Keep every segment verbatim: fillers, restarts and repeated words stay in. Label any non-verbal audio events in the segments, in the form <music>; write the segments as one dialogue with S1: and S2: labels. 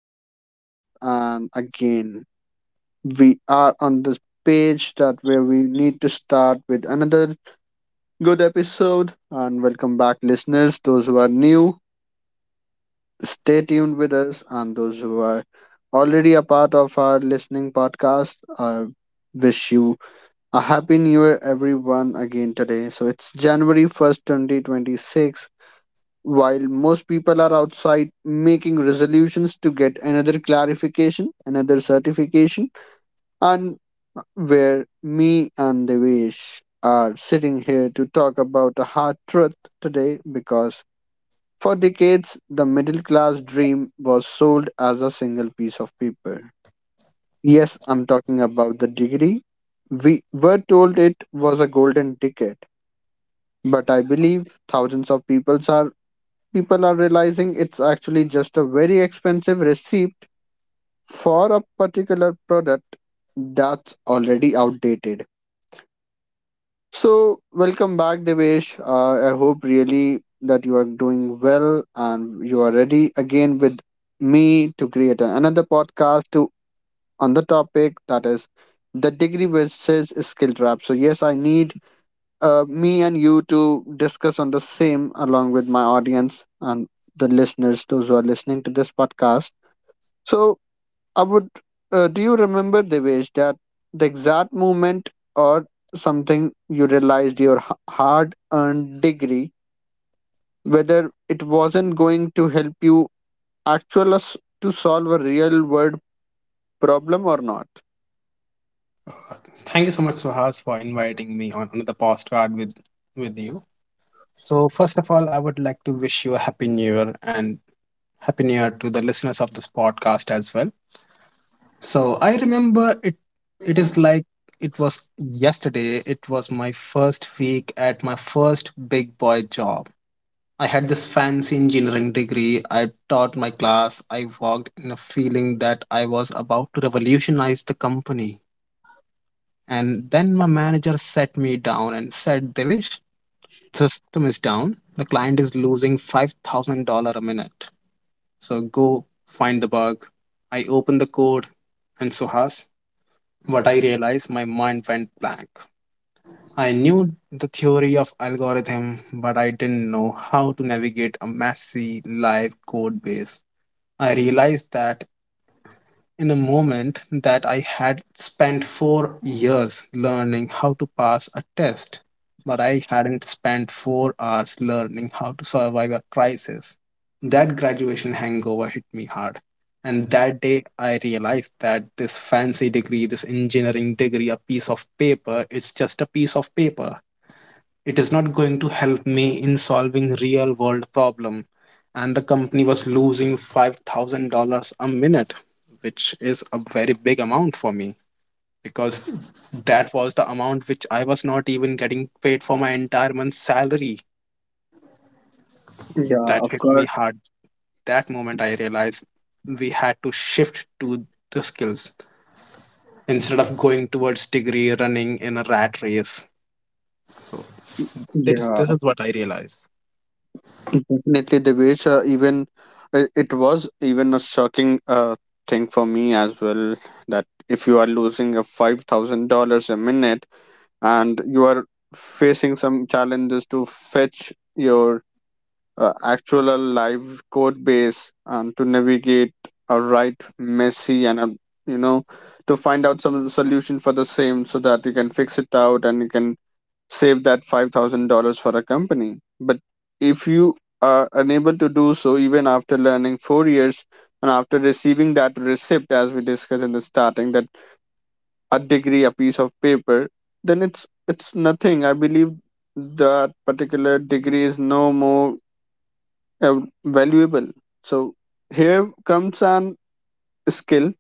S1: podcast. And again, we are on this page that where we need to start with another good episode. And welcome back, listeners. Those who are new, stay tuned with us, and those who are already a part of our listening podcast, I wish you a happy new year, everyone. Again today, so it's January first, twenty twenty six. While most people are outside making resolutions to get another clarification, another certification, and where me and Devesh are sitting here to talk about a hard truth today, because for decades the middle class dream was sold as a single piece of paper. Yes, I'm talking about the degree. We were told it was a golden ticket, but I believe thousands of people are people are realizing it's actually just a very expensive receipt for a particular product that's already outdated. So, welcome back, Devesh. Uh, I hope really that you are doing well and you are ready again with me to create another podcast to on the topic that is the degree versus skill trap. So, yes, I need uh, me and you to discuss on the same along with my audience and the listeners, those who are listening to this podcast. So, I would, uh, do you remember, Devesh, that the exact moment or something you realized your hard earned degree, whether it wasn't going to help you actual us to solve a real world problem or not?
S2: Thank you so much, Suhas, for inviting me on another postcard with with you. So first of all, I would like to wish you a happy new year, and happy new year to the listeners of this podcast as well. So I remember it, it is like it was yesterday. It was my first week at my first big boy job. I had this fancy engineering degree. I taught my class. I worked in a feeling that I was about to revolutionize the company. And then my manager sat me down and said, Devish, the system is down. The client is losing five thousand dollars a minute. So go find the bug. I opened the code, and so has, what I realized, my mind went blank. I knew the theory of algorithm, but I didn't know how to navigate a messy live code base. I realized, that in a moment, that I had spent four years learning how to pass a test, but I hadn't spent four hours learning how to survive a crisis. That graduation hangover hit me hard. And that day, I realized that this fancy degree, this engineering degree, a piece of paper, it's just a piece of paper, it is not going to help me in solving real world problem. And the company was losing five thousand dollars a minute, which is a very big amount for me, because that was the amount which I was not even getting paid for my entire month's salary.
S1: Yeah,
S2: That
S1: of
S2: hit me
S1: course.
S2: hard. That moment I realized we had to shift to the skills instead of going towards degree, running in a rat race. So it is,
S1: Yeah,
S2: this is what I realized.
S1: definitely, Devesh. Uh, even it, it was even a shocking uh, thing for me as well, that if you are losing a five thousand dollars a minute and you are facing some challenges to fetch your uh, actual live code base and to navigate a right messy and a, you know, to find out some solution for the same so that you can fix it out and you can save that five thousand dollars for a company. But if you are unable to do so, even after learning four years and after receiving that receipt, as we discussed in the starting, that a degree, a piece of paper, then it's it's nothing. I believe that particular degree is no more uh, valuable. So here comes an skill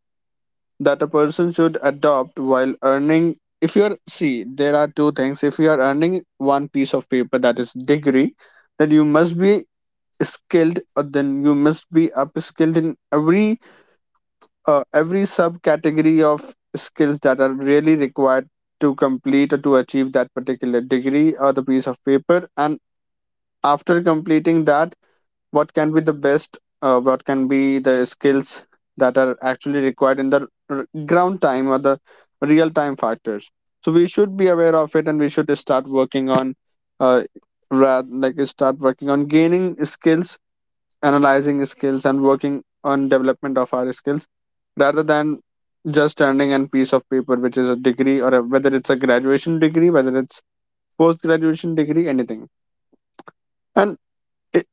S1: that a person should adopt while earning. If you're see, there are two things: if you are earning one piece of paper, that is degree, then you must be skilled, or then you must be upskilled in every uh, every subcategory of skills that are really required to complete or to achieve that particular degree or the piece of paper. And after completing that, what can be the best uh, what can be the skills that are actually required in the r- ground time or the real time factors. So we should be aware of it and we should start working on uh, rather like start working on gaining skills, analyzing skills, and working on development of our skills, rather than just earning a piece of paper which is a degree or a, whether it's a graduation degree, whether it's post graduation degree, anything. And it,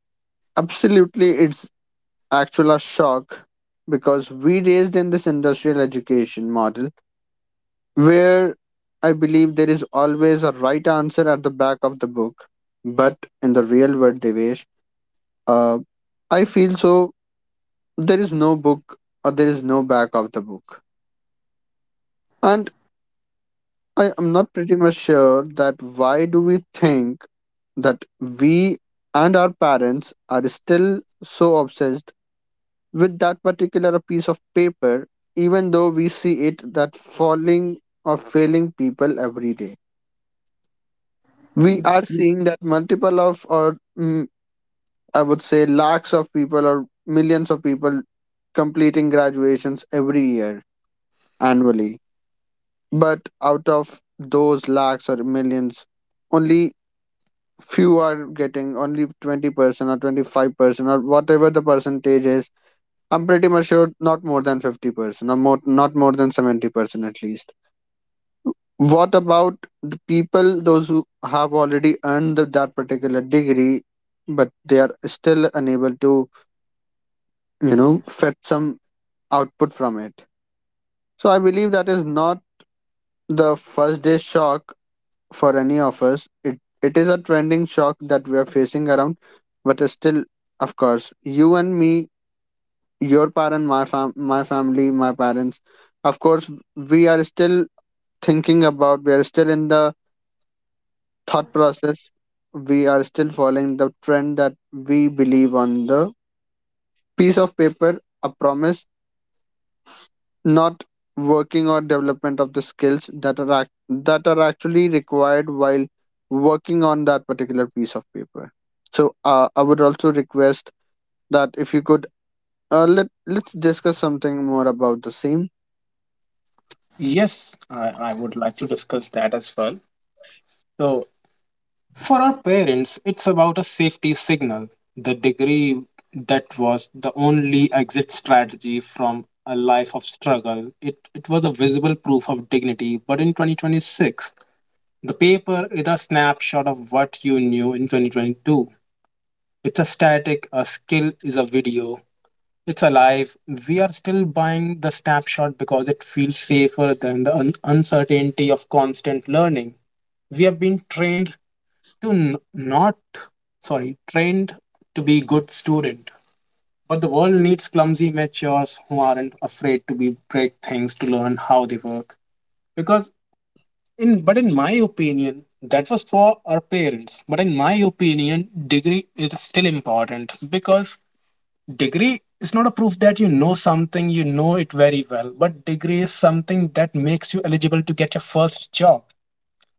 S1: absolutely it's actual a shock, because we raised in this industrial education model where I believe there is always a right answer at the back of the book. But in the real world, Devesh, uh, I feel so there is no book or there is no back of the book. And I am not pretty much sure that why do we think that we and our parents are still so obsessed with that particular piece of paper, even though we see it that falling or failing people every day. We are seeing that multiple of, or mm, I would say, lakhs of people or millions of people completing graduations every year annually. But out of those lakhs or millions, only few are getting, only twenty percent or twenty-five percent or whatever the percentage is. I'm pretty much sure not more than fifty percent, or more, not more than seventy percent at least. What about the people, those who have already earned the, that particular degree, but they are still unable to, you know, fetch some output from it? So I believe that is not the first day shock for any of us. It It is a trending shock that we are facing around, but it's still, of course, you and me, your parent, my, fam- my family, my parents, of course, we are still thinking about. We are still in the thought process. We are still following the trend that we believe on the piece of paper, a promise, not working or development of the skills that are act- that are actually required while working on that particular piece of paper. So uh, I would also request that if you could uh, let let's discuss something more about the same.
S2: Yes, I, I would like to discuss that as well. So, for our parents, it's about a safety signal. The degree, that was the only exit strategy from a life of struggle. It, it was a visible proof of dignity. But in twenty twenty-six, the paper is a snapshot of what you knew in twenty twenty-two. It's a static, a skill is a video. It's alive. We are still buying the snapshot because it feels safer than the un- uncertainty of constant learning. We have been trained to n- not, sorry, trained to be good student. But the world needs clumsy matures who aren't afraid to be break things to learn how they work. Because in but in my opinion, that was for our parents. But in my opinion, degree is still important, because degree is not a proof that you know something, you know it very well, but degree is something that makes you eligible to get your first job.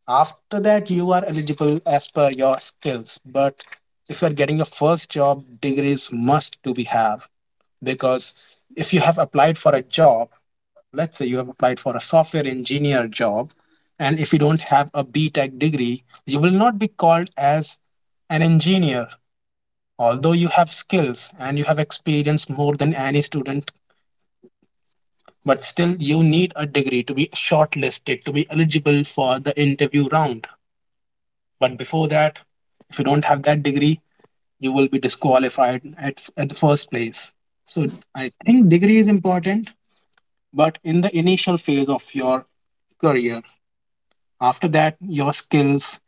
S2: After that you are eligible as per your skills, but if you are getting your first job, degrees must to be have, because if you have applied for a job, let's say you have applied for a software engineer job, and if you don't have a B Tech degree, you will not be called as an engineer. Although you have skills and you have experience more than any student, but still you need a degree to be shortlisted, to be eligible for the interview round. But before that, if you don't have that degree, you will be disqualified at, at the first place. So I think degree is important, but in the initial phase of your career. After that, your skills,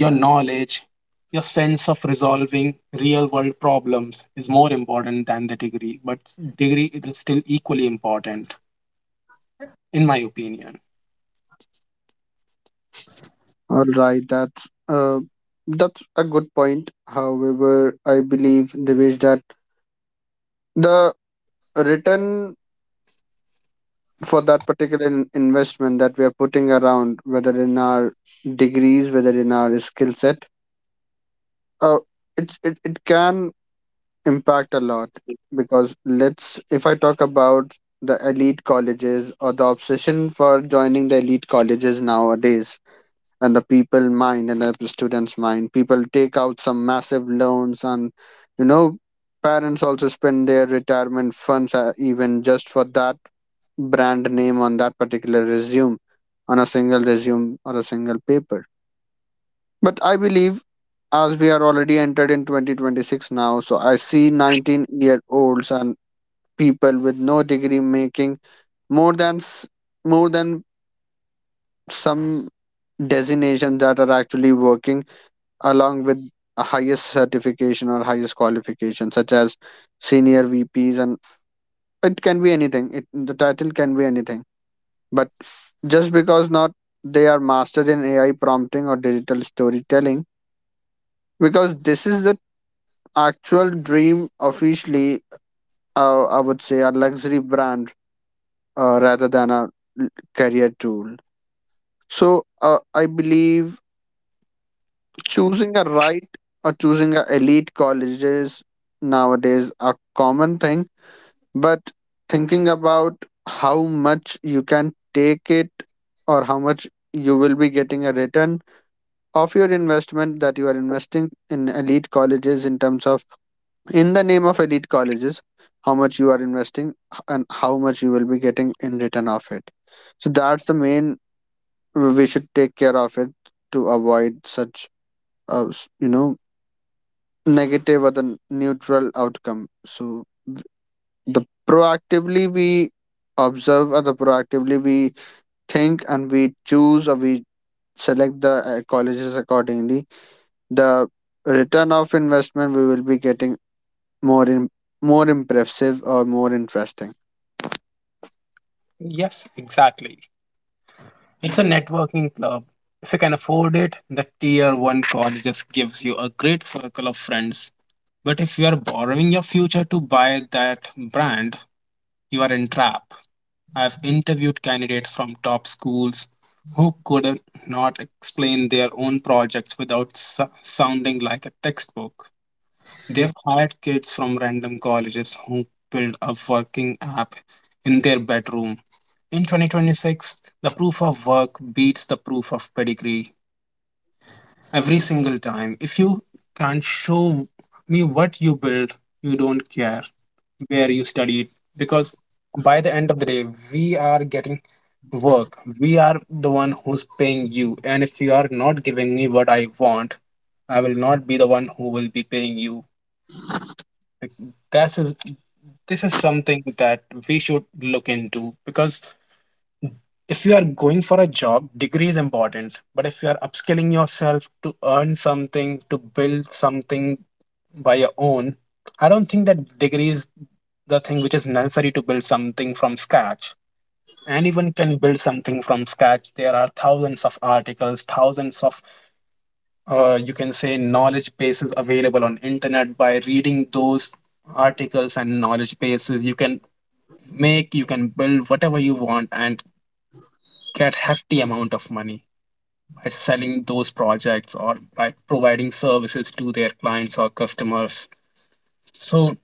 S2: your knowledge, your sense of resolving real world problems is more important than the degree, but degree is still equally important, in my opinion.
S1: All right, that's uh, that's a good point. However, I believe Devesh that the return for that particular in- investment that we are putting around, whether in our degrees, whether in our skill set, uh, it, it it can impact a lot, because let's if I talk about the elite colleges or the obsession for joining the elite colleges nowadays, and the people mind and the students mind, people take out some massive loans and, you know, parents also spend their retirement funds, uh, even just for that brand name on that particular resume, on a single resume or a single paper. But I believe as we are already entered in twenty twenty-six now, so I see nineteen year olds and people with no degree making more than s- more than some designations that are actually working along with a highest certification or highest qualification such as senior vps, and it can be anything. It, the title can be anything. But just because not they are mastered in A I prompting or digital storytelling, because this is the actual dream officially, uh, I would say, a luxury brand uh, rather than a l- career tool. So uh, I believe choosing a right or choosing a elite colleges nowadays a common thing, but thinking about how much you can take it, or how much you will be getting a return of your investment that you are investing in elite colleges, in terms of in the name of elite colleges, how much you are investing h- and how much you will be getting in return of it. So that's the main, we should take care of it, to avoid such uh, s- you know, negative or the n- neutral outcome. So th- the proactively we observe, or the proactively we think and we choose or we select the uh, colleges accordingly, the return of investment we will be getting more in, more impressive or more interesting.
S2: Yes, exactly. It's a networking club. If you can afford it, the tier one colleges gives you a great circle of friends. But if you are borrowing your future to buy that brand, you are in trap. I've interviewed candidates from top schools who could not explain their own projects without su- sounding like a textbook. They've hired kids from random colleges who built a working app in their bedroom. In twenty twenty-six, the proof of work beats the proof of pedigree every single time. If you can't show me what you build, you don't care where you studied, because by the end of the day, we are getting work. We are the one who's paying you. And if you are not giving me what I want, I will not be the one who will be paying you. Like, This is this is something that we should look into, because if you are going for a job, degree is important. But if you are upskilling yourself to earn something, to build something by your own, I don't think that degree is the thing which is necessary to build something from scratch. Anyone can build something from scratch. There are thousands of articles, thousands of uh, you can say knowledge bases available on internet. By reading those articles and knowledge bases, you can make, you can build whatever you want and get hefty amount of money by selling those projects or by providing services to their clients or customers. So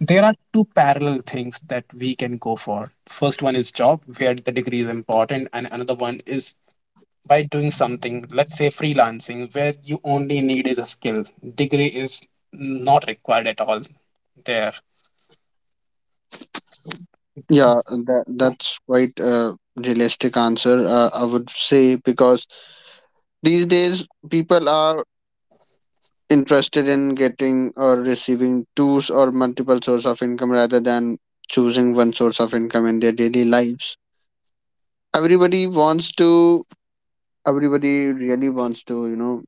S2: there are two parallel things that we can go for. First one is job, where the degree is important, and another one is by doing something, let's say freelancing, where you only need is a skill. Degree is not required at all there. So,
S1: Yeah, that, that's quite a realistic answer, uh, I would say, because these days people are interested in getting or receiving tools or multiple source of income rather than choosing one source of income in their daily lives. Everybody wants to, everybody really wants to, you know,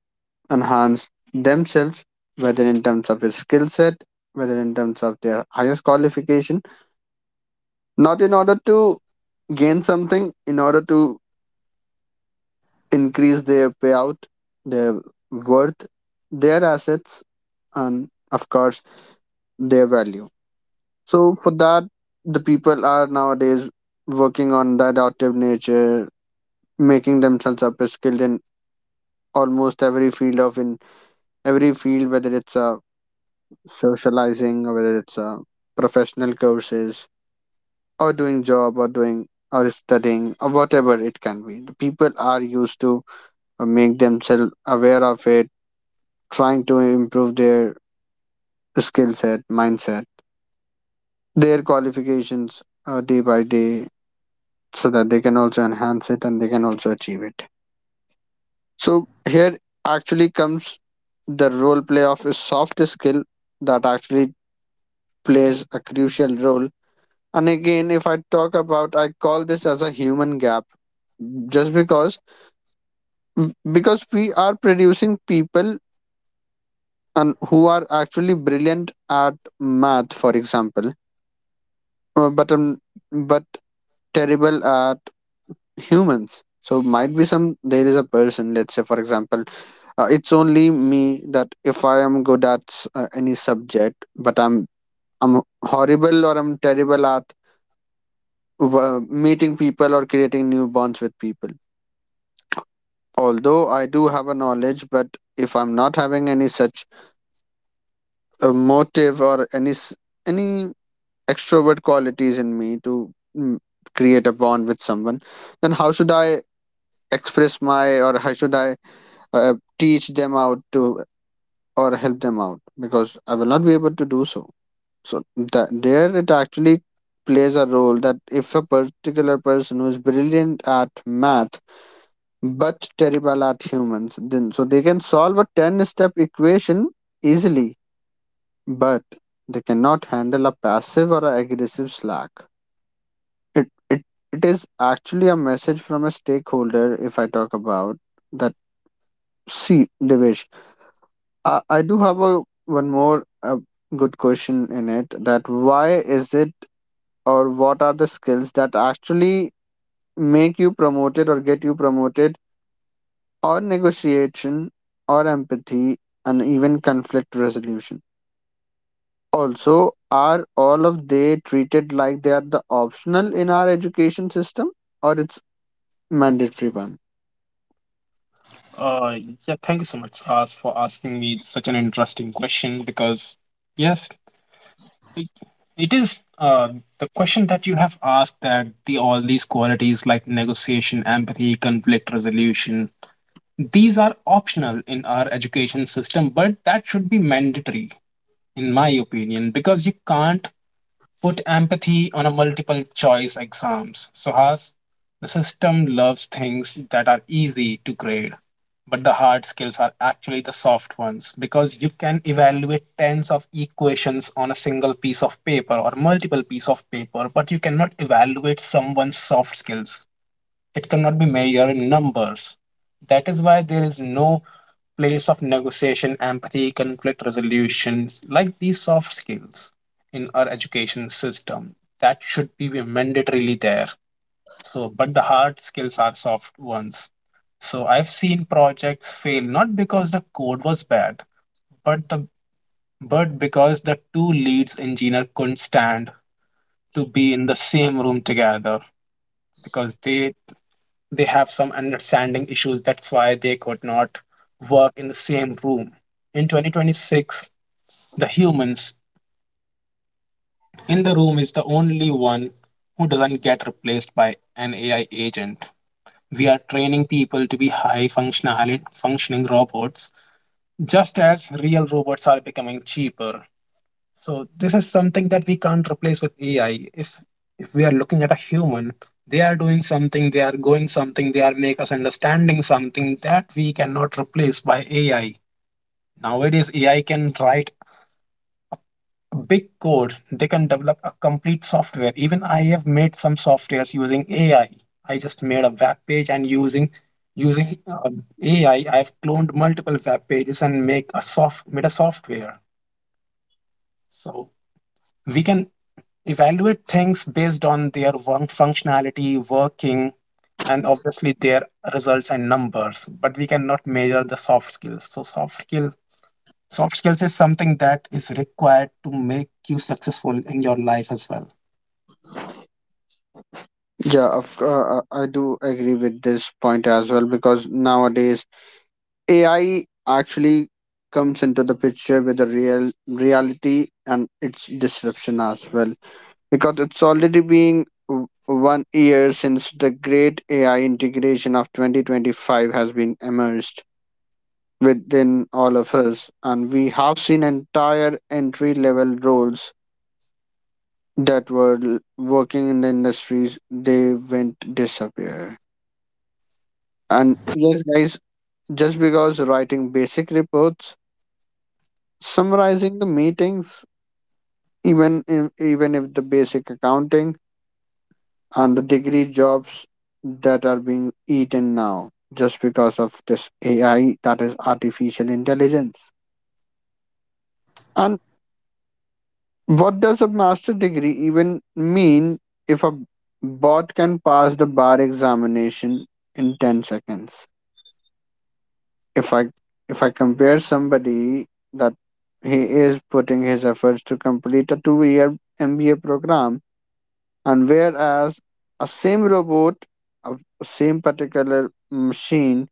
S1: enhance themselves, whether in terms of their skill set, whether in terms of their highest qualification, not in order to gain something, in order to increase their payout, their worth, their assets, and of course, their value. So, for that, the people are nowadays working on the adaptive nature, making themselves up skilled in almost every field of, in every field, whether it's a socializing, whether it's uh, professional courses or doing job or doing or studying or whatever it can be. The people are used to uh, make themselves aware of it, trying to improve their skill set, mindset, their qualifications uh, day by day, so that they can also enhance it and they can also achieve it. So here actually comes the role play of a soft skill that actually plays a crucial role. And again, if I talk about, I call this as a human gap, just because because we are producing people and who are actually brilliant at math, for example, uh, but um, but terrible at humans. So might be some there is a person, let's say for example, uh, it's only me, that if I am good at s- uh, any subject, but I'm I'm horrible or I'm terrible at uh, meeting people or creating new bonds with people, although I do have a knowledge. But if I'm not having any such uh, motive or any s- any extrovert qualities in me to mm, create a bond with someone, then how should I express my, or how should I uh, teach them out to or help them out? Because I will not be able to do so. So that there it actually plays a role, that if a particular person who is brilliant at math but terrible at humans, then, so they can solve a ten step equation easily, but they cannot handle a passive or a aggressive slack. It, it, it is actually a message from a stakeholder, if I talk about that. See, Devesh, I, I do have a one more uh good question in it, that why is it, or what are the skills that actually make you promoted or get you promoted, or negotiation or empathy and even conflict resolution. Also, are all of they treated like they are the optional in our education system, or it's mandatory one?
S2: uh, yeah, thank you so much, Faz, for asking me such an interesting question, because yes, It, it is uh, the question that you have asked, that the all these qualities like negotiation, empathy, conflict resolution, these are optional in our education system, but that should be mandatory, in my opinion, because you can't put empathy on a multiple choice exams. So Suhas, the system loves things that are easy to grade, but the hard skills are actually the soft ones, because you can evaluate tens of equations on a single piece of paper or multiple piece of paper, but you cannot evaluate someone's soft skills. It cannot be measured in numbers. That is why there is no place of negotiation, empathy, conflict resolutions, like these soft skills, in our education system. That should be mandatorily there. So, but the hard skills are soft ones. So I've seen projects fail not because the code was bad, but the but because the two leads engineer couldn't stand to be in the same room together, because they they have some understanding issues. That's why they could not work in the same room. In twenty twenty-six, the humans in the room is the only one who doesn't get replaced by an A I agent. We are training people to be high functionality functioning robots, just as real robots are becoming cheaper. So this is something that we can't replace with A I. If if we are looking at a human, they are doing something, they are going something, they are make us understanding something that we cannot replace by A I. Nowadays, A I can write big code. They can develop a complete software. Even I have made some softwares using A I. I I just made a web page and using using um, A I, I've cloned multiple web pages and make a soft made a software. So we can evaluate things based on their one functionality, working, and obviously their results and numbers, but we cannot measure the soft skills. So soft skill soft skills is something that is required to make you successful in your life as well.
S1: Yeah, of, c- uh, uh, I do agree with this point as well, because nowadays A I actually comes into the picture with the real reality and its disruption as well, because it's already been w- one year since the great A I integration of twenty twenty-five has been emerged within all of us, and we have seen entire entry level roles that were l- working in the industries they went disappear. And yes, guys, just because writing basic reports, summarizing the meetings, even if, even if the basic accounting and the degree jobs that are being eaten now just because of this A I, that is artificial intelligence. And what does a master degree even mean if a bot can pass the bar examination in ten seconds? If I if I compare somebody that he is putting his efforts to complete a two year M B A program, and whereas a same robot, a same particular machine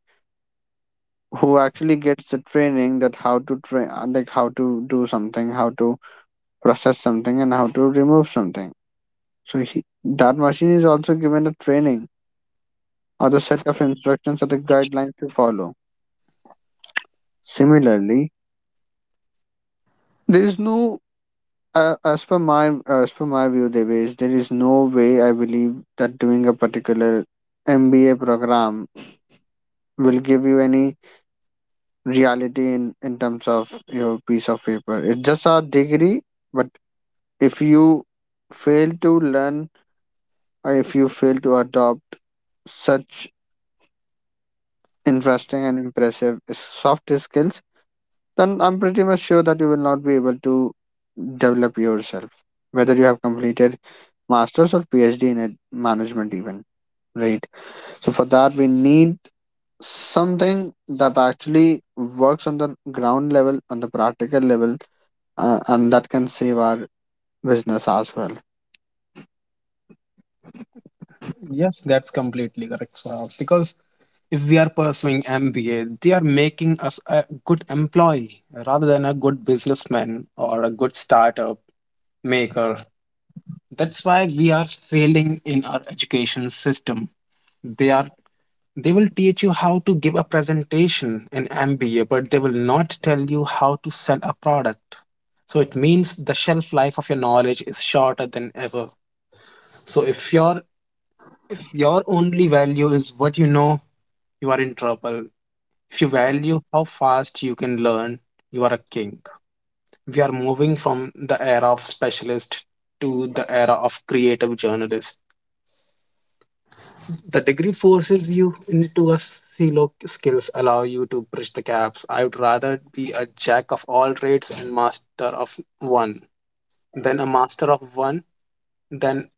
S1: who actually gets the training that how to train, uh, like how to do something, how to process something, and how to remove something, so he, that machine is also given a training or the set of instructions or the guidelines to follow. Similarly, there is no uh, as per my as per my view, there is there is no way I believe that doing a particular M B A program will give you any reality in in terms of your piece of paper, it's just a degree. But if you fail to learn, or if you fail to adopt such interesting and impressive s- soft skills, then I'm pretty much sure that you will not be able to develop yourself, whether you have completed master's or P H D in it- management, even, right. So for that, we need something that actually works on the ground level, on the practical level, uh, and that can save our business as well.
S2: Yes, that's completely correct, Saurabh. Because if we are pursuing M B A, they are making us a good employee rather than a good businessman or a good startup maker. That's why we are failing in our education system. They are they will teach you how to give a presentation in M B A, but they will not tell you how to sell a product. So it means the shelf life of your knowledge is shorter than ever. So if your if your only value is what you know, you are in trouble. If you value how fast you can learn, you are a king. We are moving from the era of specialist to the era of creative journalist. The degree forces you into a silo, skills allow you to bridge the gaps. I would rather be a jack of all trades and master of one than a master of one than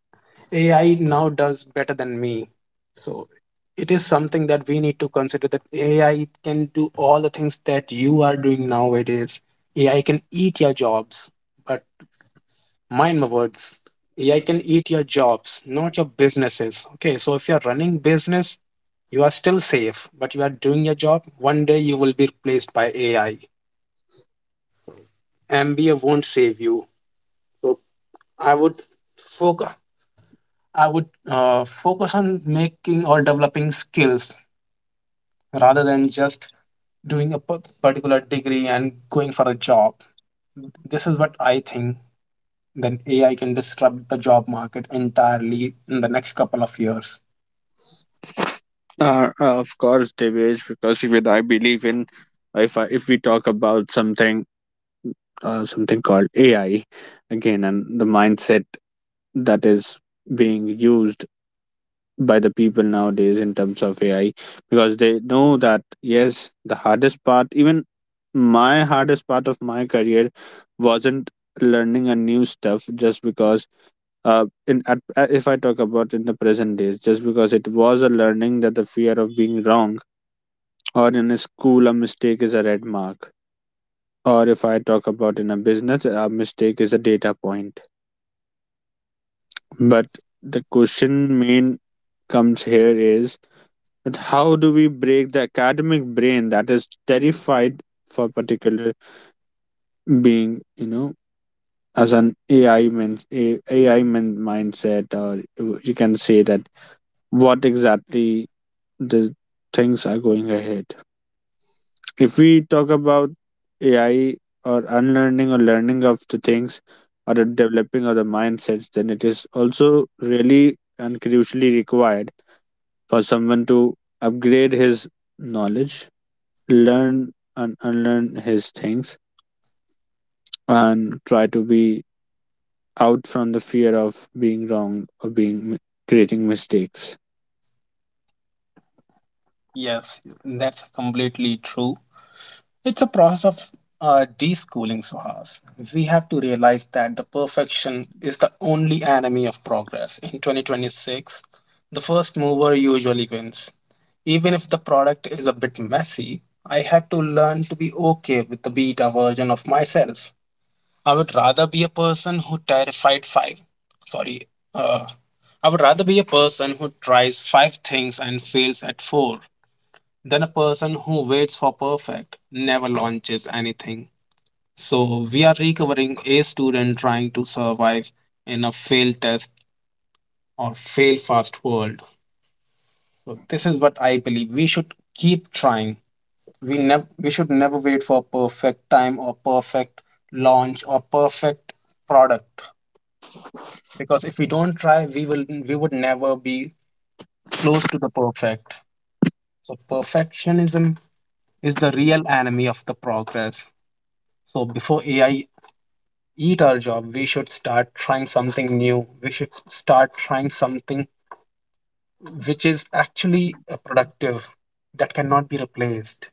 S2: A I now does better than me. So it is something that we need to consider, that A I can do all the things that you are doing nowadays. A I can eat your jobs, but mind my words. A I can eat your jobs, not your businesses. Okay, so if you're running business, you are still safe, but you are doing your job, one day you will be replaced by A I. M B A won't save you. So I would focus. I would uh, focus on making or developing skills rather than just doing a particular degree and going for a job. This is what I think, that A I can disrupt the job market entirely in the next couple of years.
S1: Uh, uh, of course, Devesh, because even I believe in, if I, if we talk about something, uh, something called A I again, and the mindset that is being used by the people nowadays in terms of A I, because they know that, yes, the hardest part, even my hardest part of my career, wasn't learning a new stuff just because. Uh, in at, uh, if I talk about in the present days, just because it was a learning that the fear of being wrong, or in a school a mistake is a red mark, or if I talk about in a business a mistake is a data point. But the question main comes here is, but how do we break the academic brain that is terrified for particular being, you know, as an A I men, A- AI men mindset, or you you can say that what exactly the things are going ahead. If we talk about A I or unlearning or learning of the things or the developing of the mindsets, then it is also really and crucially required for someone to upgrade his knowledge, learn and unlearn his things, and try to be out from the fear of being wrong or being creating mistakes.
S2: Yes, that's completely true. It's a process of uh, deschooling, Suhas. We have to realize that the perfection is the only enemy of progress. In twenty twenty-six, the first mover usually wins. Even if the product is a bit messy, I had to learn to be okay with the beta version of myself. I would rather be a person who terrified five. Sorry, uh, I would rather be a person who tries five things and fails at four, then a person who waits for perfect, never launches anything. So we are recovering a student trying to survive in a fail test or fail fast world. So this is what I believe. We should keep trying. We never we should never wait for perfect time or perfect launch or perfect product. Because if we don't try, we will we would never be close to the perfect. So perfectionism is the real enemy of the progress. So before A I eat our job, we should start trying something new, we should start trying something which is actually uh, productive, that cannot be replaced.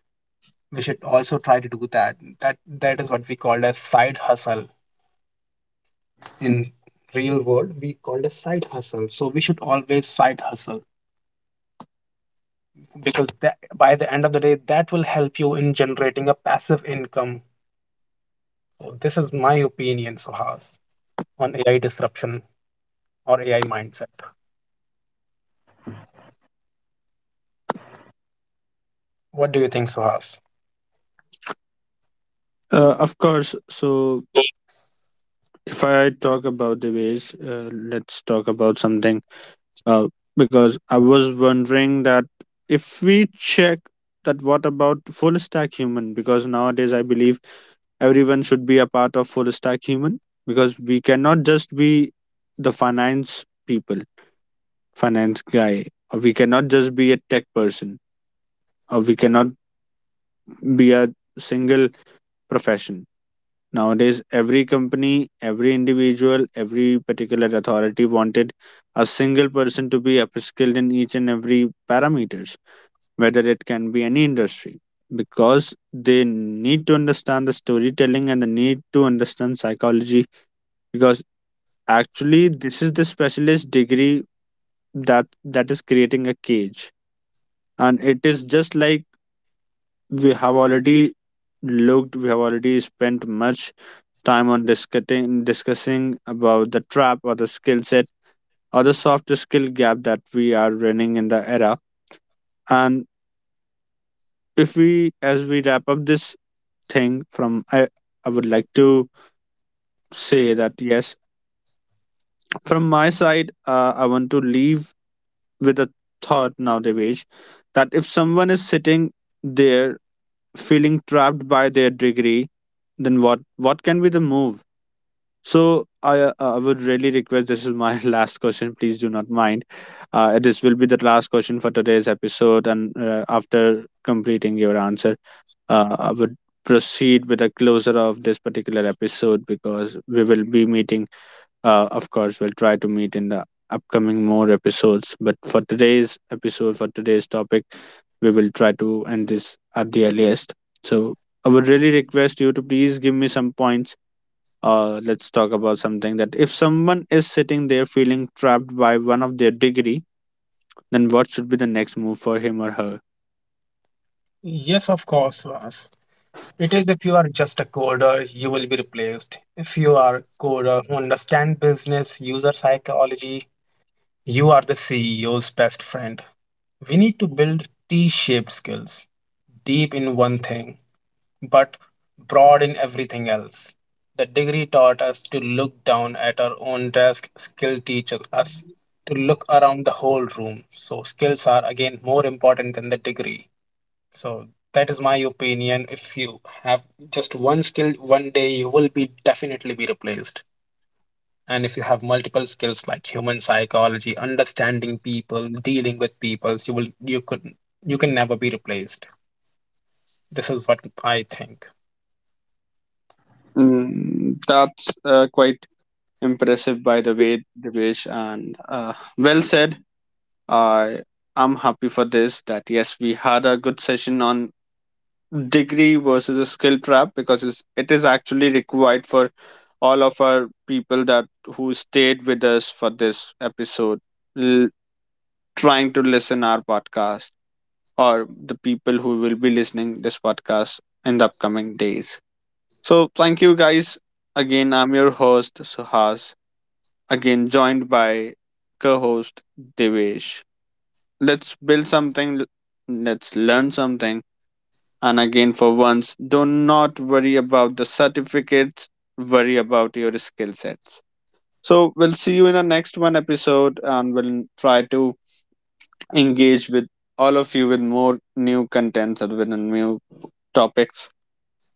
S2: We should also try to do that, that that is what we called a side hustle. In real world we called a side hustle, so we should always side hustle, because that, by the end of the day, that will help you in generating a passive income. So this is my opinion, Suhas, on AI disruption or AI mindset. What do you think, Suhas?
S1: uh, Of course. So if I talk about the ways, uh, let's talk about something, uh, because I was wondering that if we check that what about full stack human, because nowadays I believe everyone should be a part of full stack human, because we cannot just be the finance people, finance guy, or we cannot just be a tech person, or we cannot be a single profession. Nowadays every company, every individual, every particular authority wanted a single person to be upskilled in each and every parameters, whether it can be any industry, because they need to understand the storytelling and they need to understand psychology, because actually this is the specialist degree that that is creating a cage. And it is just like, we have already looked, we have already spent much time on discussing discussing about the trap or the skill set or the soft skill gap that we are running in the era. And if we, as we wrap up this thing, from i i would like to say that yes, from my side, uh, I want to leave with a thought now, Devesh, that if someone is sitting there feeling trapped by their degree, then what what can be the move. So I uh, I would really request, this is my <laughs> last question. Please do not mind. Uh, this will be the last question for today's episode, and uh, after completing your answer, uh, I would proceed with a closer of this particular episode, because we will be meeting. Uh, of course, we'll try to meet in the upcoming more episodes. But for today's episode, for today's topic, we will try to end this at the earliest. So I would really request you to please give me some points. Uh, let's talk about something, that if someone is sitting there feeling trapped by one of their degree, then what should be the next move for him or her.
S2: Yes, of course, Vas. It is, if you are just a coder, you will be replaced. If you are a coder who understand business, user psychology, you are the C E O's best friend. We need to build T-shaped skills, deep in one thing, but broad in everything else. The degree taught us to look down at our own desk. Skill teaches us to look around the whole room. So skills are again more important than the degree. So that is my opinion. If you have just one skill, one day you will be definitely be replaced. And if you have multiple skills like human psychology, understanding people, dealing with people, you will you could you can never be replaced. This is what I think.
S1: Mm, that's uh, quite impressive, by the way, Devesh, and uh, well said. I I'm happy for this. That yes, we had a good session on degree versus a skill trap, because it's, it is actually required for all of our people that who stayed with us for this episode, l- trying to listen our podcast, or the people who will be listening this podcast in the upcoming days. So thank you guys. Again, I'm your host Suhas. Again, joined by co-host Devesh. Let's build something. Let's learn something. And again, for once, do not worry about the certificates. Worry about your skill sets. So we'll see you in the next one episode, and we'll try to engage with all of you with more new contents and with new topics.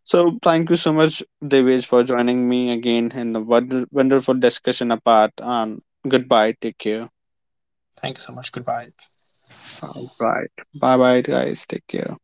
S1: So thank you so much, Devesh, for joining me again in the wonder- wonderful discussion apart. And goodbye. Take care.
S2: Thank you so much. Goodbye.
S1: All right. Bye bye, guys. Take care.